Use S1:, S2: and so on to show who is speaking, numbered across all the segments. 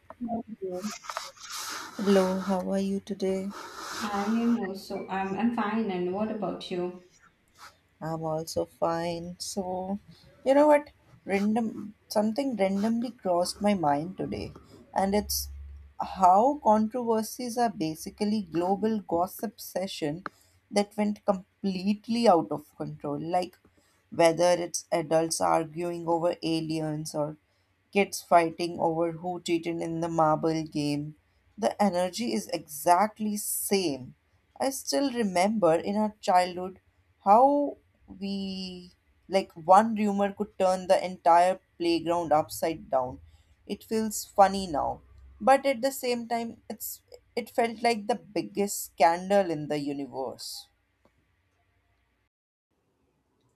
S1: How are you?
S2: Hello, how are you today?
S1: I am also, I'm fine. And what about you?
S2: I'm also fine. So, you know what? Random something randomly crossed my mind today, and it's how controversies are basically global gossip session that went completely out of control. Like whether it's adults arguing over aliens or kids fighting over who cheated in the marble game. The energy is exactly same. I still remember in our childhood how we like one rumor could turn the entire playground upside down. It feels funny now, but at the same time it felt like the biggest scandal in the universe.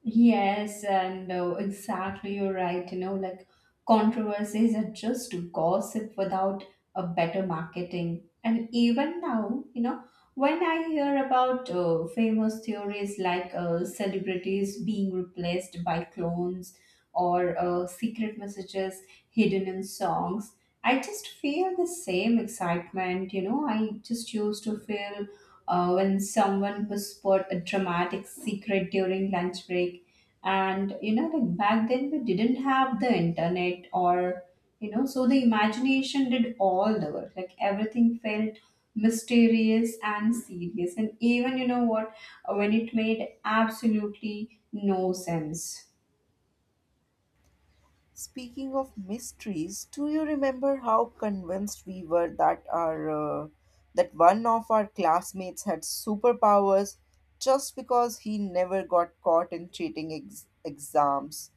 S1: Yes, and exactly, you're right. You know, like controversies are just gossip without a better marketing. And even now, you know, when I hear about famous theories like celebrities being replaced by clones or secret messages hidden in songs, I just feel the same excitement, you know. I just used to feel when someone whispered a dramatic secret during lunch break. And, you know, like back then we didn't have the internet or, you know, so the imagination did all the work. Like everything felt mysterious and serious. And even, you know what, when it made absolutely no sense.
S2: Speaking of mysteries, do you remember how convinced we were that our uh, that one of our classmates had superpowers just because he never got caught in exams?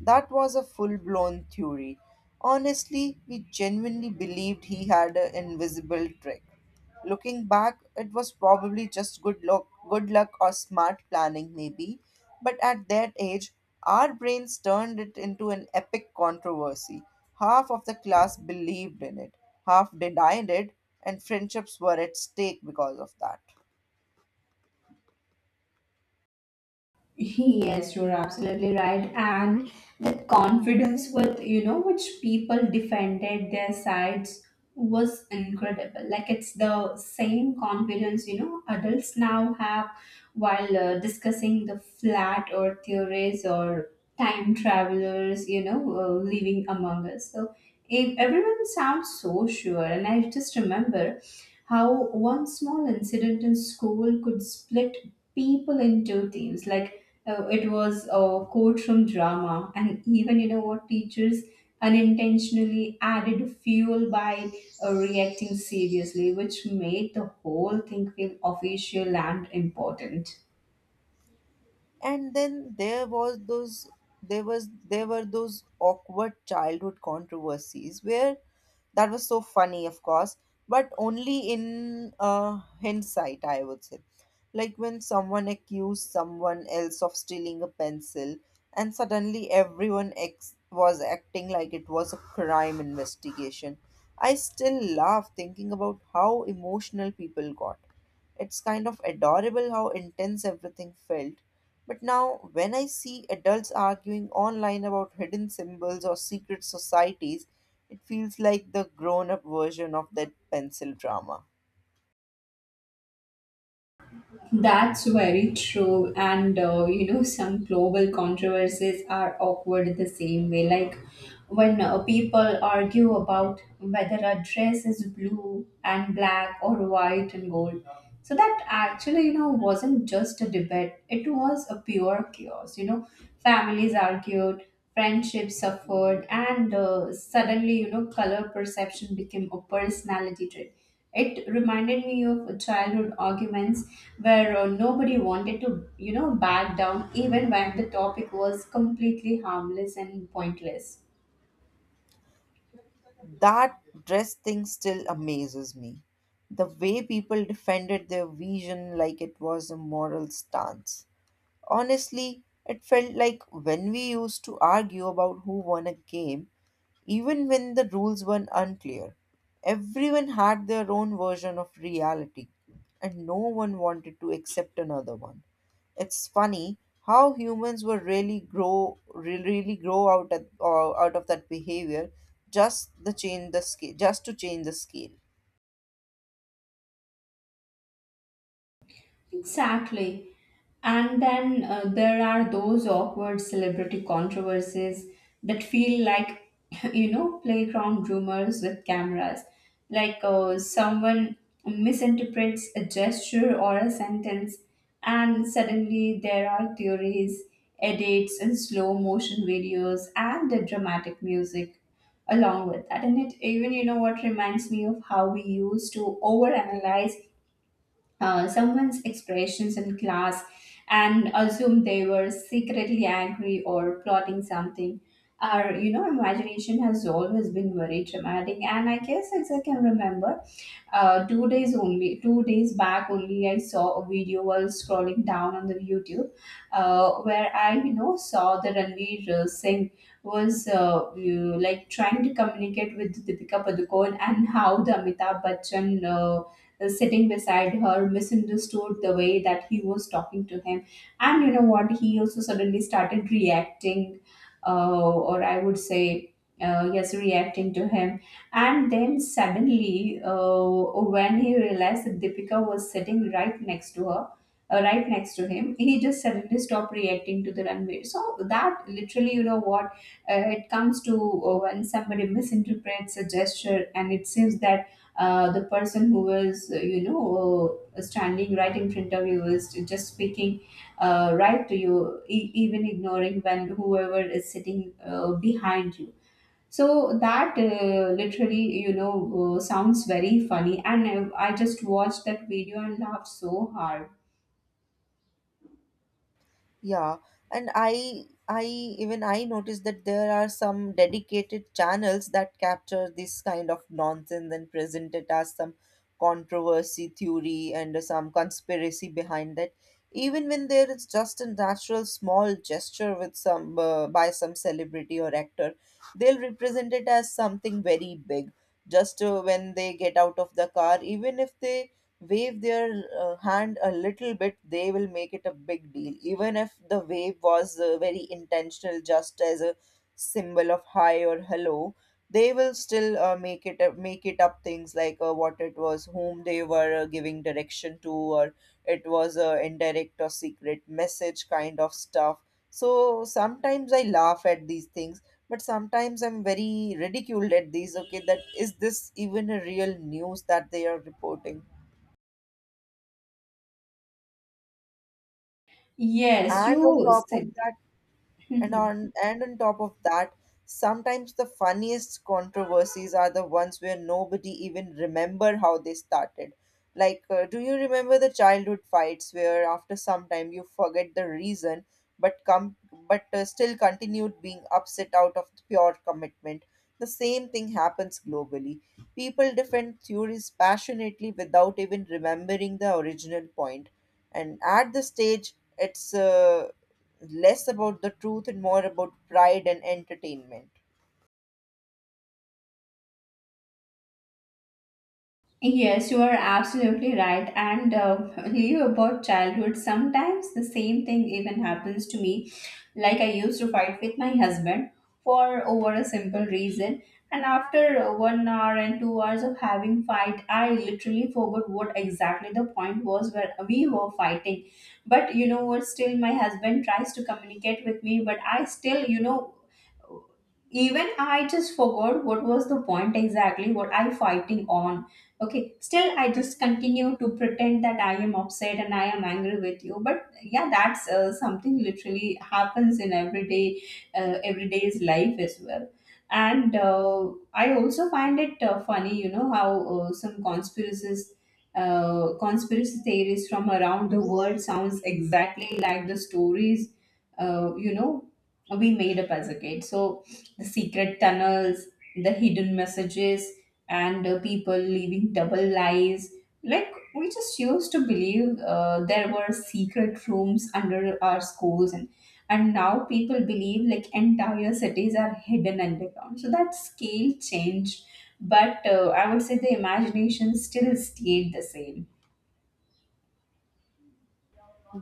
S2: That was a full-blown theory. Honestly, we genuinely believed he had an invisible trick. Looking back, it was probably just good luck or smart planning, maybe. But at that age, our brains turned it into an epic controversy. Half of the class believed in it, half denied it, and friendships were at stake because of that.
S1: Yes, you're absolutely right. And the confidence with, you know, which people defended their sides was incredible. Like it's the same confidence, you know, adults now have while discussing the flat earth theories or time travelers, you know, living among us. So if everyone sounds so sure. And I just remember how one small incident in school could split people into teams. Like it was a courtroom drama, and even you know what teachers unintentionally added fuel by reacting seriously, which made the whole thing feel official and important.
S2: And then there was those there was there were those awkward childhood controversies where that was so funny of course but only in hindsight I would say, like when someone accused someone else of stealing a pencil and suddenly was acting like it was a crime investigation. I still laugh thinking about how emotional people got. It's kind of adorable how intense everything felt. But now, when I see adults arguing online about hidden symbols or secret societies, it feels like the grown up version of that pencil drama.
S1: That's very true. And you know, some global controversies are awkward the same way. Like when people argue about whether a dress is blue and black or white and gold. So that actually, you know, wasn't just a debate, it was a pure chaos. You know, families argued, friendships suffered, and suddenly, you know, color perception became a personality trait. It reminded me of childhood arguments where nobody wanted to, you know, back down even when the topic was completely harmless and pointless.
S2: That dress thing still amazes me. The way people defended their vision like it was a moral stance. Honestly, it felt like when we used to argue about who won a game, even when the rules were unclear. Everyone had their own version of reality, and no one wanted to accept another one. It's funny how humans will really grow out out of that behavior, just to change the scale.
S1: Exactly. And then there are those awkward celebrity controversies that feel like, you know, playground rumors with cameras. Like someone misinterprets a gesture or a sentence, and suddenly there are theories, edits, and slow motion videos, and the dramatic music along with that. And it even, you know, what reminds me of how we used to overanalyze someone's expressions in class and assume they were secretly angry or plotting something. Our, you know, imagination has always been very dramatic, and I guess as I can remember, 2 days back only, I saw a video while scrolling down on the YouTube, where I, you know, saw the Ranveer Singh was like trying to communicate with Deepika Padukone, and how the Amitabh Bachchan sitting beside her misunderstood the way that he was talking to him. And you know what, he also suddenly started reacting, or I would say yes, reacting to him. And then suddenly, when he realized that Deepika was sitting right next to her, right next to him, he just suddenly stopped reacting to the Runway. So that literally, you know what, it comes to when somebody misinterprets a gesture, and it seems that the person who was, you know, standing right in front of you was just speaking right to you, even ignoring when whoever is sitting behind you. So that, literally, you know, sounds very funny, and I just watched that video and laughed so hard.
S2: Yeah, and I even I noticed that there are some dedicated channels that capture this kind of nonsense and present it as some controversy theory and some conspiracy behind that. Even when there is just a natural small gesture with some by some celebrity or actor, they'll represent it as something very big. Just when they get out of the car, even if they wave their hand a little bit, they will make it a big deal. Even if the wave was very intentional, just as a symbol of hi or hello, they will still make it, make it up things like what it was, whom they were giving direction to, or it was a indirect or secret message kind of stuff. So sometimes I laugh at these things, but sometimes I'm very ridiculed at these. Okay, that is this even a real news that they are reporting?
S1: Yes,
S2: And
S1: you
S2: on top of
S1: said.
S2: that
S1: Mhm.
S2: and on top of that, sometimes the funniest controversies are the ones where nobody even remember how they started, like do you remember the childhood fights where after some time you forget the reason but come but still continued being upset out of pure commitment? The same thing happens globally. People defend theories passionately without even remembering the original point, and at this stage it's less about the truth and more about pride and entertainment.
S1: Yes, you are absolutely right. And Leo, about childhood, sometimes the same thing even happens to me. Like I used to fight with my husband for over a simple reason, and after 1 hour and 2 hours of having fight, I literally forgot what exactly the point was where we were fighting. But you know what? Still, my husband tries to communicate with me, but I still, you know, even I just forgot what was the point, exactly what I fighting on. Okay, still I just continue to pretend that I am upset and I am angry with you. But yeah, that's something literally happens in everyday's life as well. And I also find it funny, you know, how some conspiracies conspiracy theories from around the world sounds exactly like the stories, you know, we made up as a kid. So the secret tunnels, the hidden messages, and people living double lies. Like, we just used to believe there were secret rooms under our schools, and now people believe like entire cities are hidden underground. So that scale changed, but I would say the imagination still stayed the same.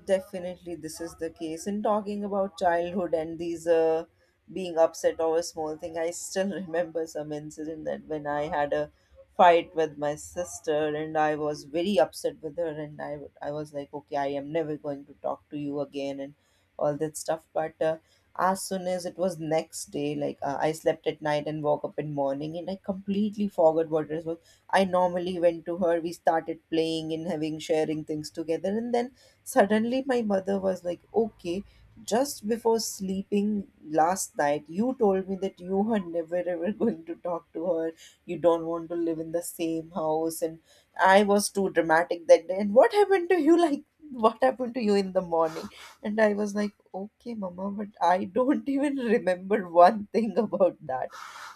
S2: Definitely, this is the case. In talking about childhood and these being upset over small thing, I still remember some incident that when I had a fight with my sister and I was very upset with her and I was like, okay, I am never going to talk to you again and all that stuff. But as soon as it was next day, like I slept at night and woke up in morning and I completely forgot what it was. I normally went to her. We started playing and having sharing things together, and then suddenly, my mother was like, okay, just before sleeping last night, you told me that you are never ever going to talk to her. You don't want to live in the same house. And I was too dramatic that day. And what happened to you? Like, what happened to you in the morning? And I was like, okay, mama, but I don't even remember one thing about that.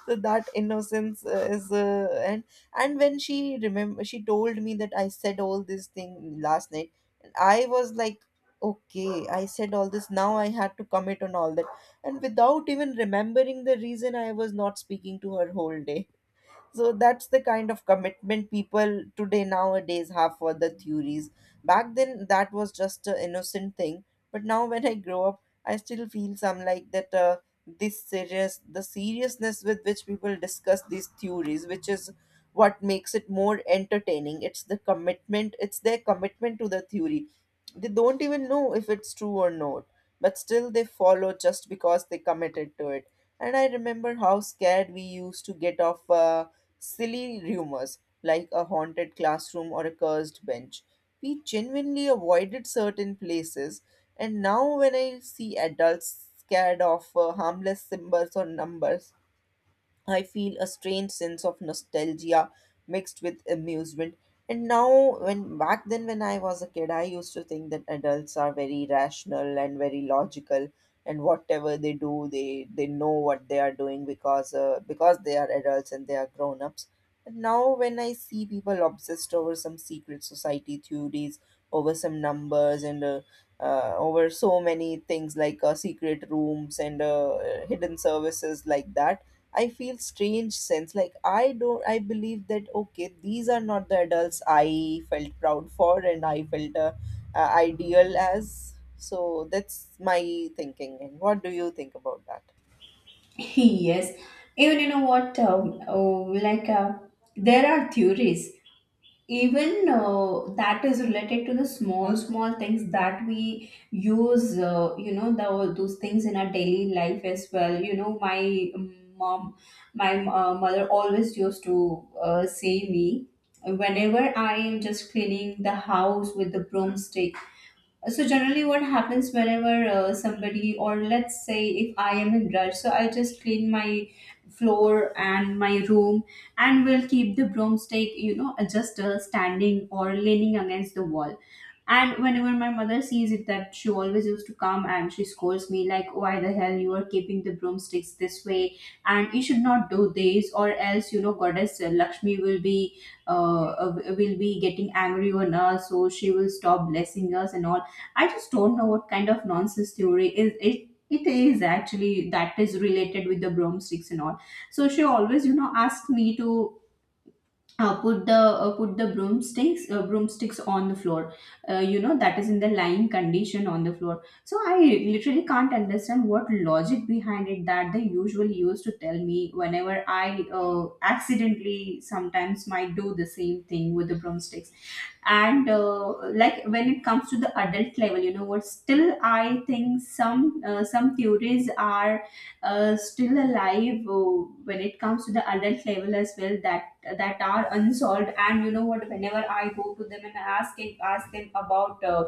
S2: So that innocence and when she remember, she told me that I said all this thing last night. I was like, okay, I said all this, now I had to commit on all that. And without even remembering the reason, I was not speaking to her whole day. So that's the kind of commitment people today nowadays have for the theories. Back then, that was just an innocent thing. But now, when I grow up, I still feel some like that. This serious, the seriousness with which people discuss these theories, which is what makes it more entertaining. It's the commitment. It's their commitment to the theory. They don't even know if it's true or not, but still they follow just because they committed to it. And I remember how scared we used to get of. Silly rumors like a haunted classroom or a cursed bench. We genuinely avoided certain places, and now when I see adults scared of harmless symbols or numbers, I feel a strange sense of nostalgia mixed with amusement. And now, when back then, when I was a kid, I used to think that adults are very rational and very logical, and whatever they do, they know what they are doing because because they are adults and they are grown ups. And now, when I see people obsessed over some secret society theories, over some numbers, and over so many things like secret rooms and hidden services like that, I feel strange sense. Like I don't I believe that okay, these are not the adults I felt proud for and I felt ideal as. So that's my thinking. And what do you think about that?
S1: Yes, even you know what, like there are theories. Even that is related to the small small things that we use, you know, those things in our daily life as well. You know, my mom, my mother always used to say me whenever I am just cleaning the house with the broomstick. So generally what happens, whenever somebody, or let's say if I am in rush, so I just clean my floor and my room and will keep the broomstick, you know, just standing or leaning against the wall. And whenever my mother sees it, that she always used to come and she scolds me like, "Oh, why the hell you are keeping the broomsticks this way? And you should not do this, or else you know, Goddess Lakshmi uh, uh, will be getting angry on us, so she will stop blessing us and all." I just don't know what kind of nonsense theory is it. It is actually that is related with the broomsticks and all. So she always, you know, asks me to put the broomsticks, broomsticks, on the floor, you know, that is in the lying condition on the floor. So I literally can't understand what logic behind it that they usually used to tell me whenever I accidentally sometimes might do the same thing with the broomsticks. And like when it comes to the adult level, you know what, still I think some theories are still alive when it comes to the adult level as well, that that are unsolved. And you know what, whenever I go to them and ask them about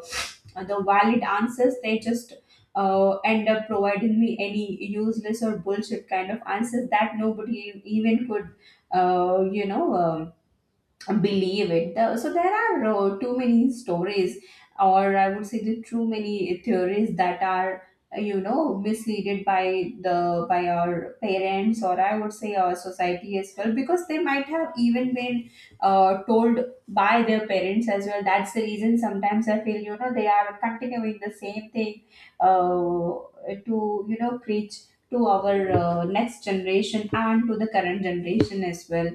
S1: the valid answers, they just end up providing me any useless or bullshit kind of answers that nobody even could, you know, believe it. So there are too many stories, or I would say, the too many theories that are, you know, misleaded by the by our parents, or I would say our society as well, because they might have even been told by their parents as well. That's the reason sometimes I feel, you know, they are continuing the same thing, uh, to you know preach to our next generation and to the current generation as well.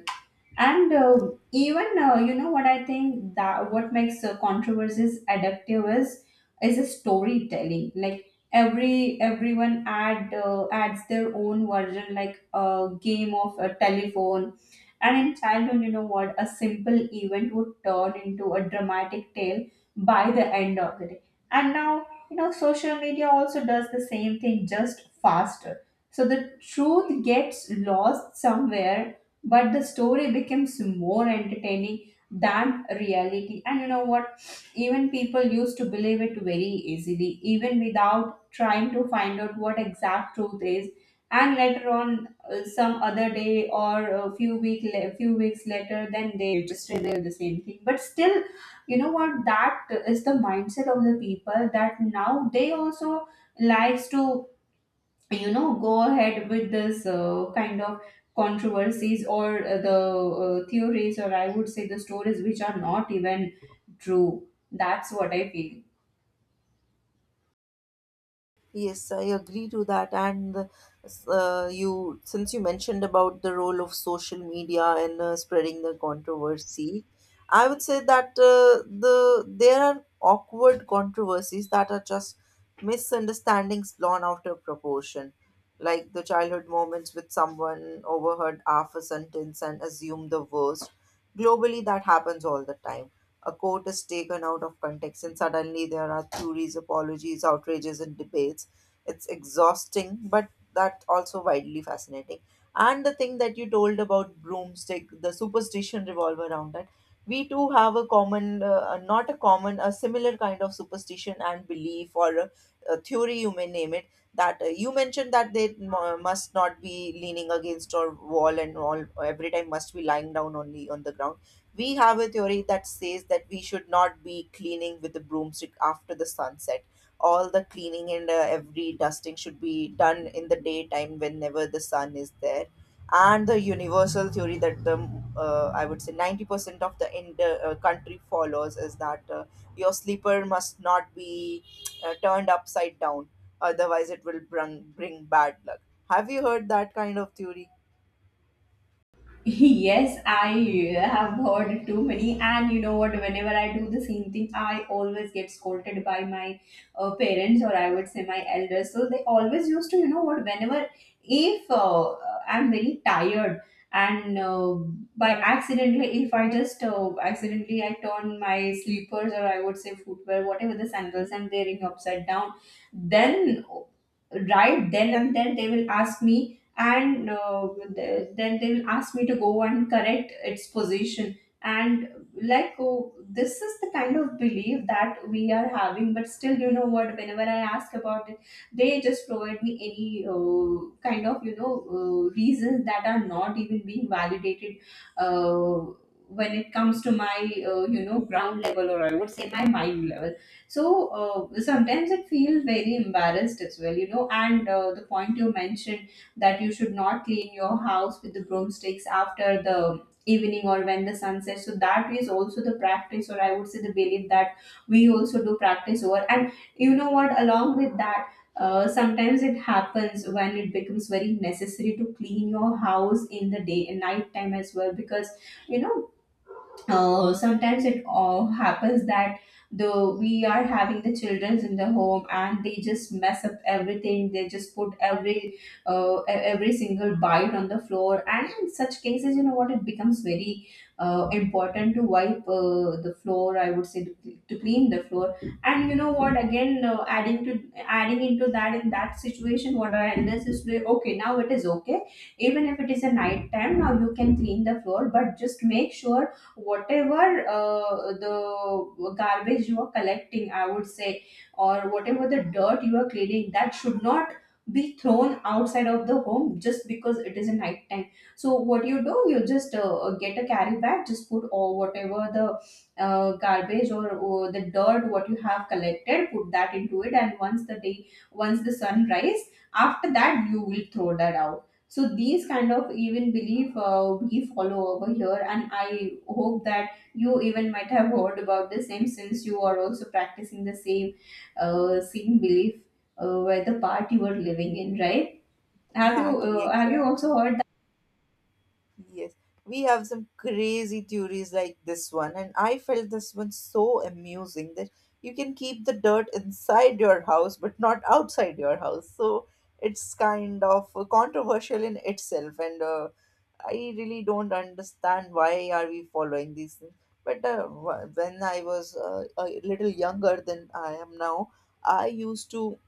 S1: And even, you know what, I think that what makes controversies addictive is a storytelling. Like everyone adds their own version, like a game of a telephone. And in childhood, you know what? A simple event would turn into a dramatic tale by the end of the day. And now, you know, social media also does the same thing, just faster. So the truth gets lost somewhere, but the story becomes more entertaining than reality. And you know what? Even people used to believe it very easily, even without trying to find out what exact truth is. And later on, some other day or a few weeks later, then they just reveal the same thing. But still, you know what, that is the mindset of the people, that now they also likes to, you know, go ahead with this kind of controversies, or theories, or I would say the stories, which are not even true. That's what I feel.
S2: Yes, I agree to that. And you, since you mentioned about the role of social media and spreading the controversy, I would say that there are awkward controversies that are just misunderstandings blown out of proportion, like the childhood moments with someone overheard half a sentence and assumed the worst. Globally, that happens all the time. A quote is taken out of context, and suddenly there are theories, apologies, outrages, and debates. It's exhausting, but that also widely fascinating. And the thing that you told about broomstick, the superstition revolve around that, we too have a not a common, a similar kind of superstition and belief or a theory, you may name it. That you mentioned that must not be leaning against a wall and all, every time must be lying down only on the ground. We have a theory that says that we should not be cleaning with the broomstick after the sunset. All the cleaning and every dusting should be done in the daytime whenever the sun is there, and the universal theory that the I would say 90% of the country follows is that your sleeper must not be turned upside down, otherwise it will bring bad luck. Have you heard that kind of theory?
S1: Yes, I have heard too many. And you know what? Whenever I do the same thing, I always get scolded by my parents, or I would say my elders. So they always used to, you know what? Whenever if I'm very tired and by accidentally, if I just accidentally I turn my sleepers, or I would say footwear, whatever the sandals I'm wearing, upside down, then right then and then they will ask me, and uh, then they will ask me to go and correct its position. And like, oh, this is the kind of belief that we are having, but still, you know what, whenever I ask about it, they just provide me any kind of, you know, reasons that are not even being validated uh, when it comes to my, you know, ground level, or I would say my mind level. So sometimes I feel very embarrassed as well, you know. And the point you mentioned, that you should not clean your house with the broomsticks after the evening or when the sun sets, so that is also the practice, or I would say the belief, that we also do practice over. And you know what, along with that, sometimes it happens when it becomes very necessary to clean your house in the day and night time as well, because you know, sometimes it all happens that the we are having the children in the home and they just mess up everything. They just put every every single bite on the floor, and in such cases, you know what, it becomes very important to wipe the floor, I would say, to clean the floor. And you know what, again, adding into that, in that situation, what I understand is, okay, now it is okay, even if it is a night time, now you can clean the floor, but just make sure whatever the garbage you are collecting, I would say, or whatever the dirt you are cleaning, that should not be thrown outside of the home just because it is a night time. So what you do, you just get a carry bag, just put all whatever the garbage or the dirt what you have collected, put that into it, and once the day, once the sun rise, after that you will throw that out. So these kind of even belief, we follow over here. And I hope that you even might have heard about the same, since you are also practicing the same belief where the part you were living in, right? Have you,
S2: Exactly,
S1: have you
S2: exactly.
S1: also heard?
S2: Yes, we have some crazy theories like this one, and I felt this one so amusing that you can keep the dirt inside your house but not outside your house. So it's kind of controversial in itself, and I really don't understand why are we following these things. But when I was a little younger than I am now, I used to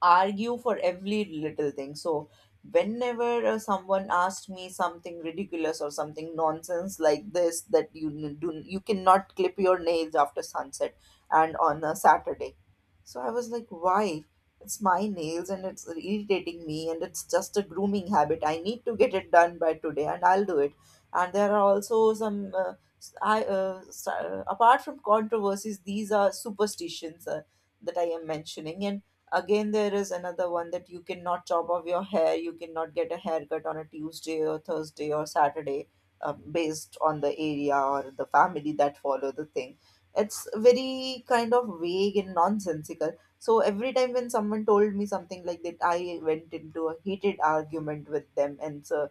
S2: argue for every little thing. So, whenever someone asked me something ridiculous or something nonsense like this, that you cannot clip your nails after sunset and on a Saturday. So I was like, why? It's my nails and it's irritating me and it's just a grooming habit. I need to get it done by today and I'll do it. And there are also some. Apart from controversies, these are superstitions that I am mentioning. And again, there is another one that you cannot chop off your hair, you cannot get a haircut on a Tuesday or Thursday or Saturday, based on the area or the family that follow the thing. It's very kind of vague and nonsensical. So every time when someone told me something like that, I went into a heated argument with them. And so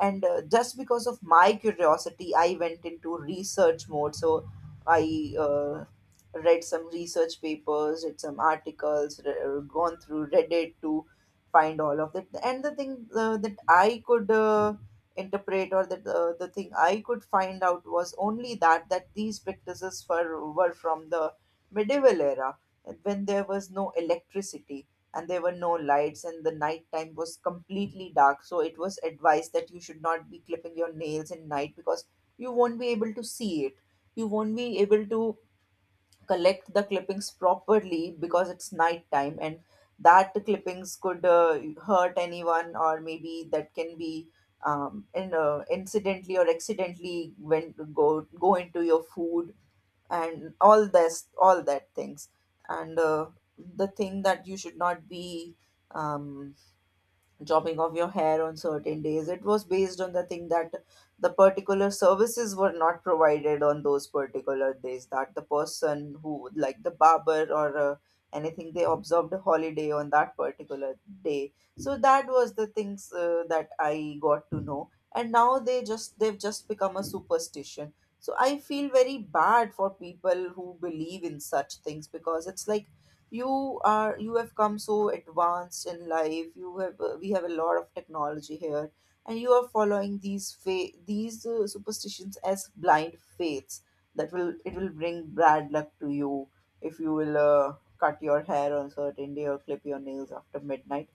S2: and just because of my curiosity, I went into research mode. So I read some research papers, read some articles, gone through Reddit to find all of that. And the thing that I could interpret, or that the thing I could find out, was only that these practices were from the medieval era, when there was no electricity and there were no lights and the night time was completely dark. So it was advised that you should not be clipping your nails in night, because you won't be able to see it, you won't be able to collect the clippings properly because it's night time. And that clippings could hurt anyone, or maybe that can be incidentally or accidentally went go go into your food and all this all that things. And the thing that you should not be um, chopping of your hair on certain days. It was based on the thing that the particular services were not provided on those particular days, that the person who, like the barber, or anything, they observed a holiday on that particular day. So that was the things that I got to know. And now they just they've just become a superstition. So I feel very bad for people who believe in such things, because it's like you have come so advanced in life, you have we have a lot of technology here, and you are following these superstitions as blind faiths, that will bring bad luck to you if you will cut your hair on a certain day or clip your nails after midnight.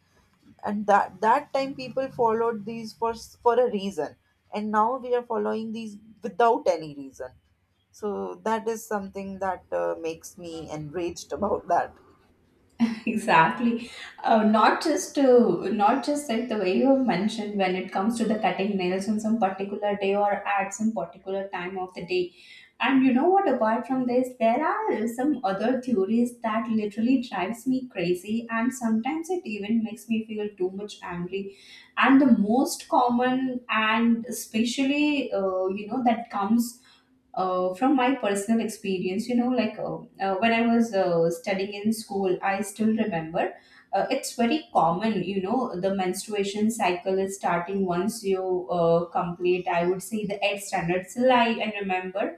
S2: And that time, people followed these for for a reason, and now we are following these without any reason. So that is something that makes me enraged about that.
S1: Exactly. Not just that, the way you have mentioned, when it comes to the cutting nails on some particular day or at some particular time of the day. And you know what, apart from this, there are some other theories that literally drives me crazy, and sometimes it even makes me feel too much angry. And the most common, and especially, you know, that comes from my personal experience, you know, like, when I was studying in school, I still remember, it's very common, you know, the menstruation cycle is starting once you complete, I would say, the eighth standard. Still, I remember,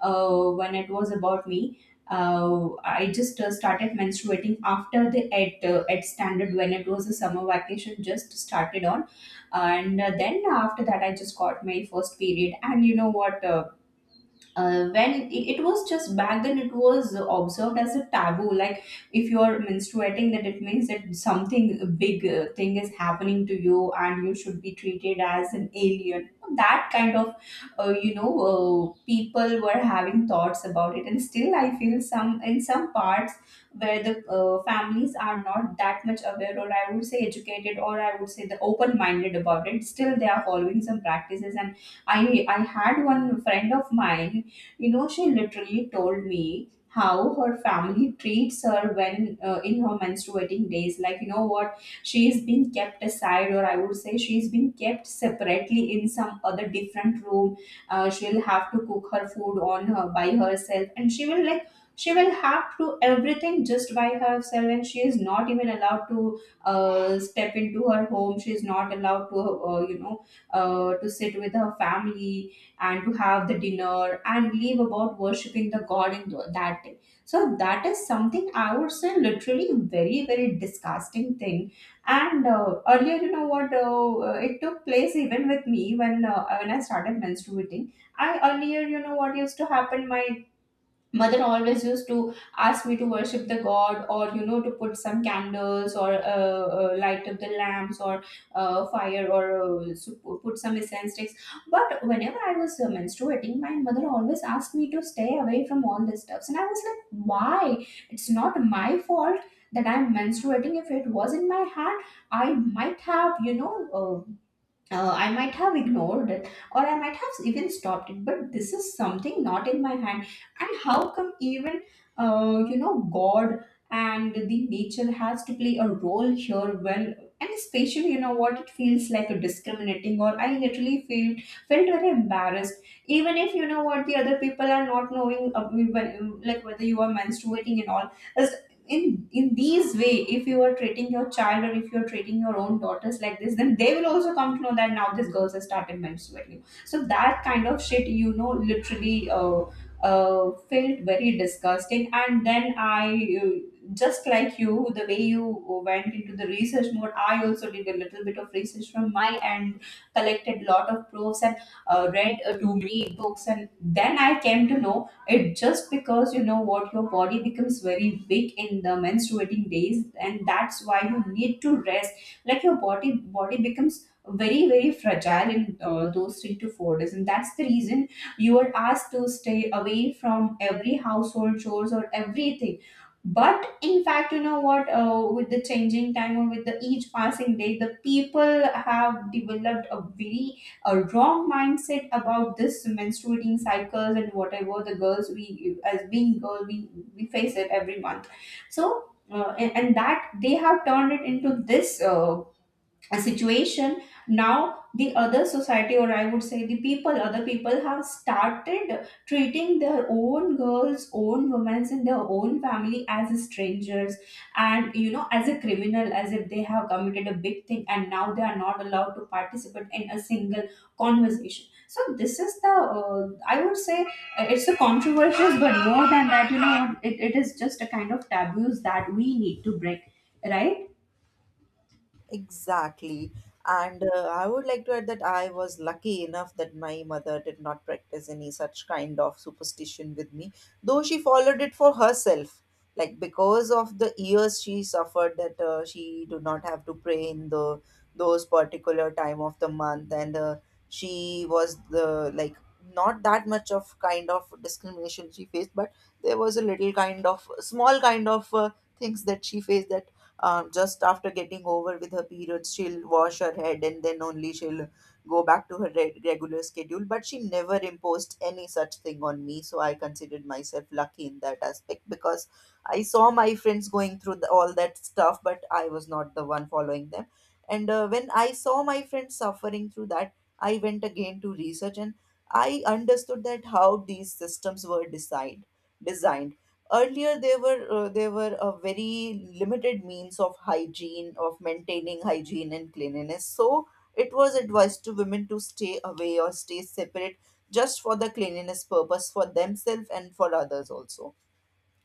S1: when it was about me. I just started menstruating after the at standard when it was a summer vacation just started on, and then after that I just got my first period. And you know what? When it was just back then, it was observed as a taboo. Like, if you are menstruating, that it means that something a big thing is happening to you and you should be treated as an alien. That kind of you know, people were having thoughts about it. And still I feel some, in some parts where the families are not that much aware, or I would say educated, or I would say the open minded about it, still they are following some practices. And I had one friend of mine, you know, she literally told me how her family treats her when, in her menstruating days. Like, you know what? She is being kept aside, or I would say she is being kept separately in some other different room. She'll have to cook her food on her by herself, and she will have to everything just by herself, and she is not even allowed to step into her home. She is not allowed to you know, to sit with her family and to have the dinner, and leave about worshipping the god in that day. So that is something I would say literally very very disgusting thing. And earlier, you know what, it took place even with me when, when I started menstruating. I Earlier, you know what, used to happen, my mother always used to ask me to worship the god, or you know, to put some candles, or light up the lamps, or fire, or put some incense sticks. But whenever I was menstruating, my mother always asked me to stay away from all these stuffs, and I was like, why? It's not my fault that I'm menstruating. If it was in my hand, I might have, you know, I might have ignored it, or I might have even stopped it. But this is something not in my hand. And how come even, you know, God and the nature has to play a role here? When, and especially, you know what, it feels like a discriminating, or I literally feel, felt very embarrassed. Even if, you know what, the other people are not knowing, like whether you are menstruating and all, in these way if you are treating your child, or if you are treating your own daughters like this, then they will also come to know that now this girl has started menstruating. So that kind of shit, you know, literally, felt very disgusting. And then I just like you, the way you went into the research mode, I also did a little bit of research from my end, collected lot of proofs, and read too many books. And then I came to know, it just because you know what, your body becomes very weak in the menstruating days, and that's why you need to rest. Like your body becomes very very fragile in those 3 to 4 days, and that's the reason you are asked to stay away from every household chores or everything. But in fact, you know what, with the changing time, or with the each passing day, the people have developed a very, a wrong mindset about this menstruating cycles. And whatever the girls, we as being girl, we face it every month. So and that they have turned it into this, a situation. Now the other society, or I would say the people, other people have started treating their own girls, own women in their own family as strangers, and you know, as a criminal, as if they have committed a big thing. And now they are not allowed to participate in a single conversation. So this is the, I would say, it's a controversial, but more than that, you know, it is just a kind of taboos that we need to break, right?
S2: Exactly. And I would like to add that I was lucky enough that my mother did not practice any such kind of superstition with me, though she followed it for herself. Like, because of the years she suffered, that she do not have to pray in the those particular time of the month. And she was the like not that much of kind of discrimination she faced, but there was a little kind of small kind of things that she faced, that just after getting over with her periods, she'll wash her head and then only she'll go back to her regular schedule. But she never imposed any such thing on me, so I considered myself lucky in that aspect, because I saw my friends going through the all that stuff, but I was not the one following them. And when I saw my friends suffering through that, I went again to research, and I understood that how these systems were designed. Earlier, there were there were a very limited means of hygiene, of maintaining hygiene and cleanliness. So it was advised to women to stay away or stay separate, just for the cleanliness purpose, for themselves and for others also.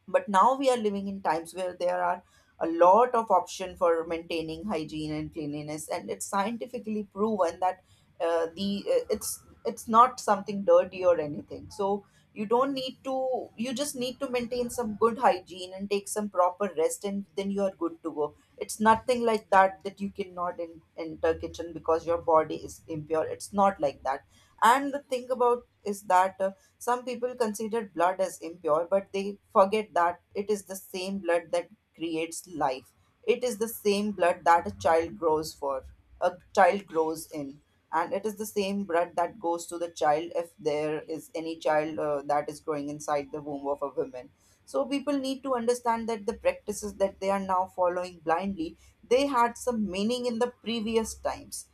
S2: But now we are living in times where there are a lot of option for maintaining hygiene and cleanliness, and it's scientifically proven that the it's not something dirty or anything. So you don't need to, you just need to maintain some good hygiene and take some proper rest, and then you are good to go. It's nothing like that, that you cannot enter kitchen because your body is impure. It's not like that. And the thing about is that some people consider blood as impure, but they forget that it is the same blood that creates life. It is the same blood that a child grows for, a child grows in, and it is the same blood that goes to the child if there is any child that is growing inside the womb of a woman. So people need to understand that the practices that they are now following blindly, they had some meaning in the previous times,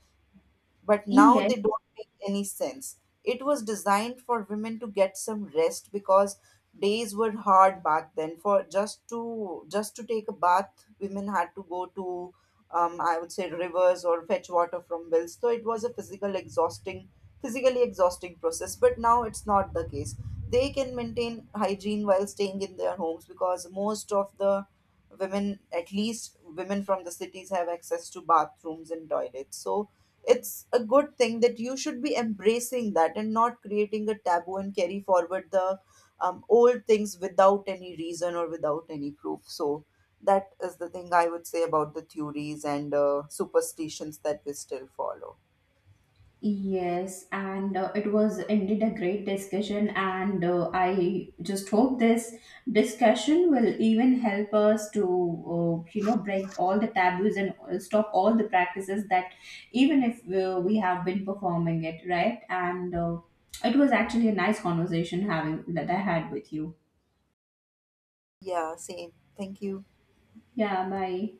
S2: but now
S1: Yes.
S2: they don't make any sense. It was designed for women to get some rest, because days were hard back then. For just to take a bath, women had to go to I would say rivers, or fetch water from wells. So it was a physically exhausting process. But now it's not the case. They can maintain hygiene while staying in their homes, because most of the women, at least women from the cities, have access to bathrooms and toilets. So it's a good thing that you should be embracing that, and not creating a taboo and carry forward the old things without any reason or without any proof. So that is the thing I would say about the theories and superstitions that we still follow.
S1: Yes, and it was indeed a great discussion. And I just hope this discussion will even help us to, you know, break all the taboos, and stop all the practices that, even if we have been performing it, right? And it was actually a nice conversation having that I had with you.
S2: Yeah, same. Thank you.
S1: Yeah, bye.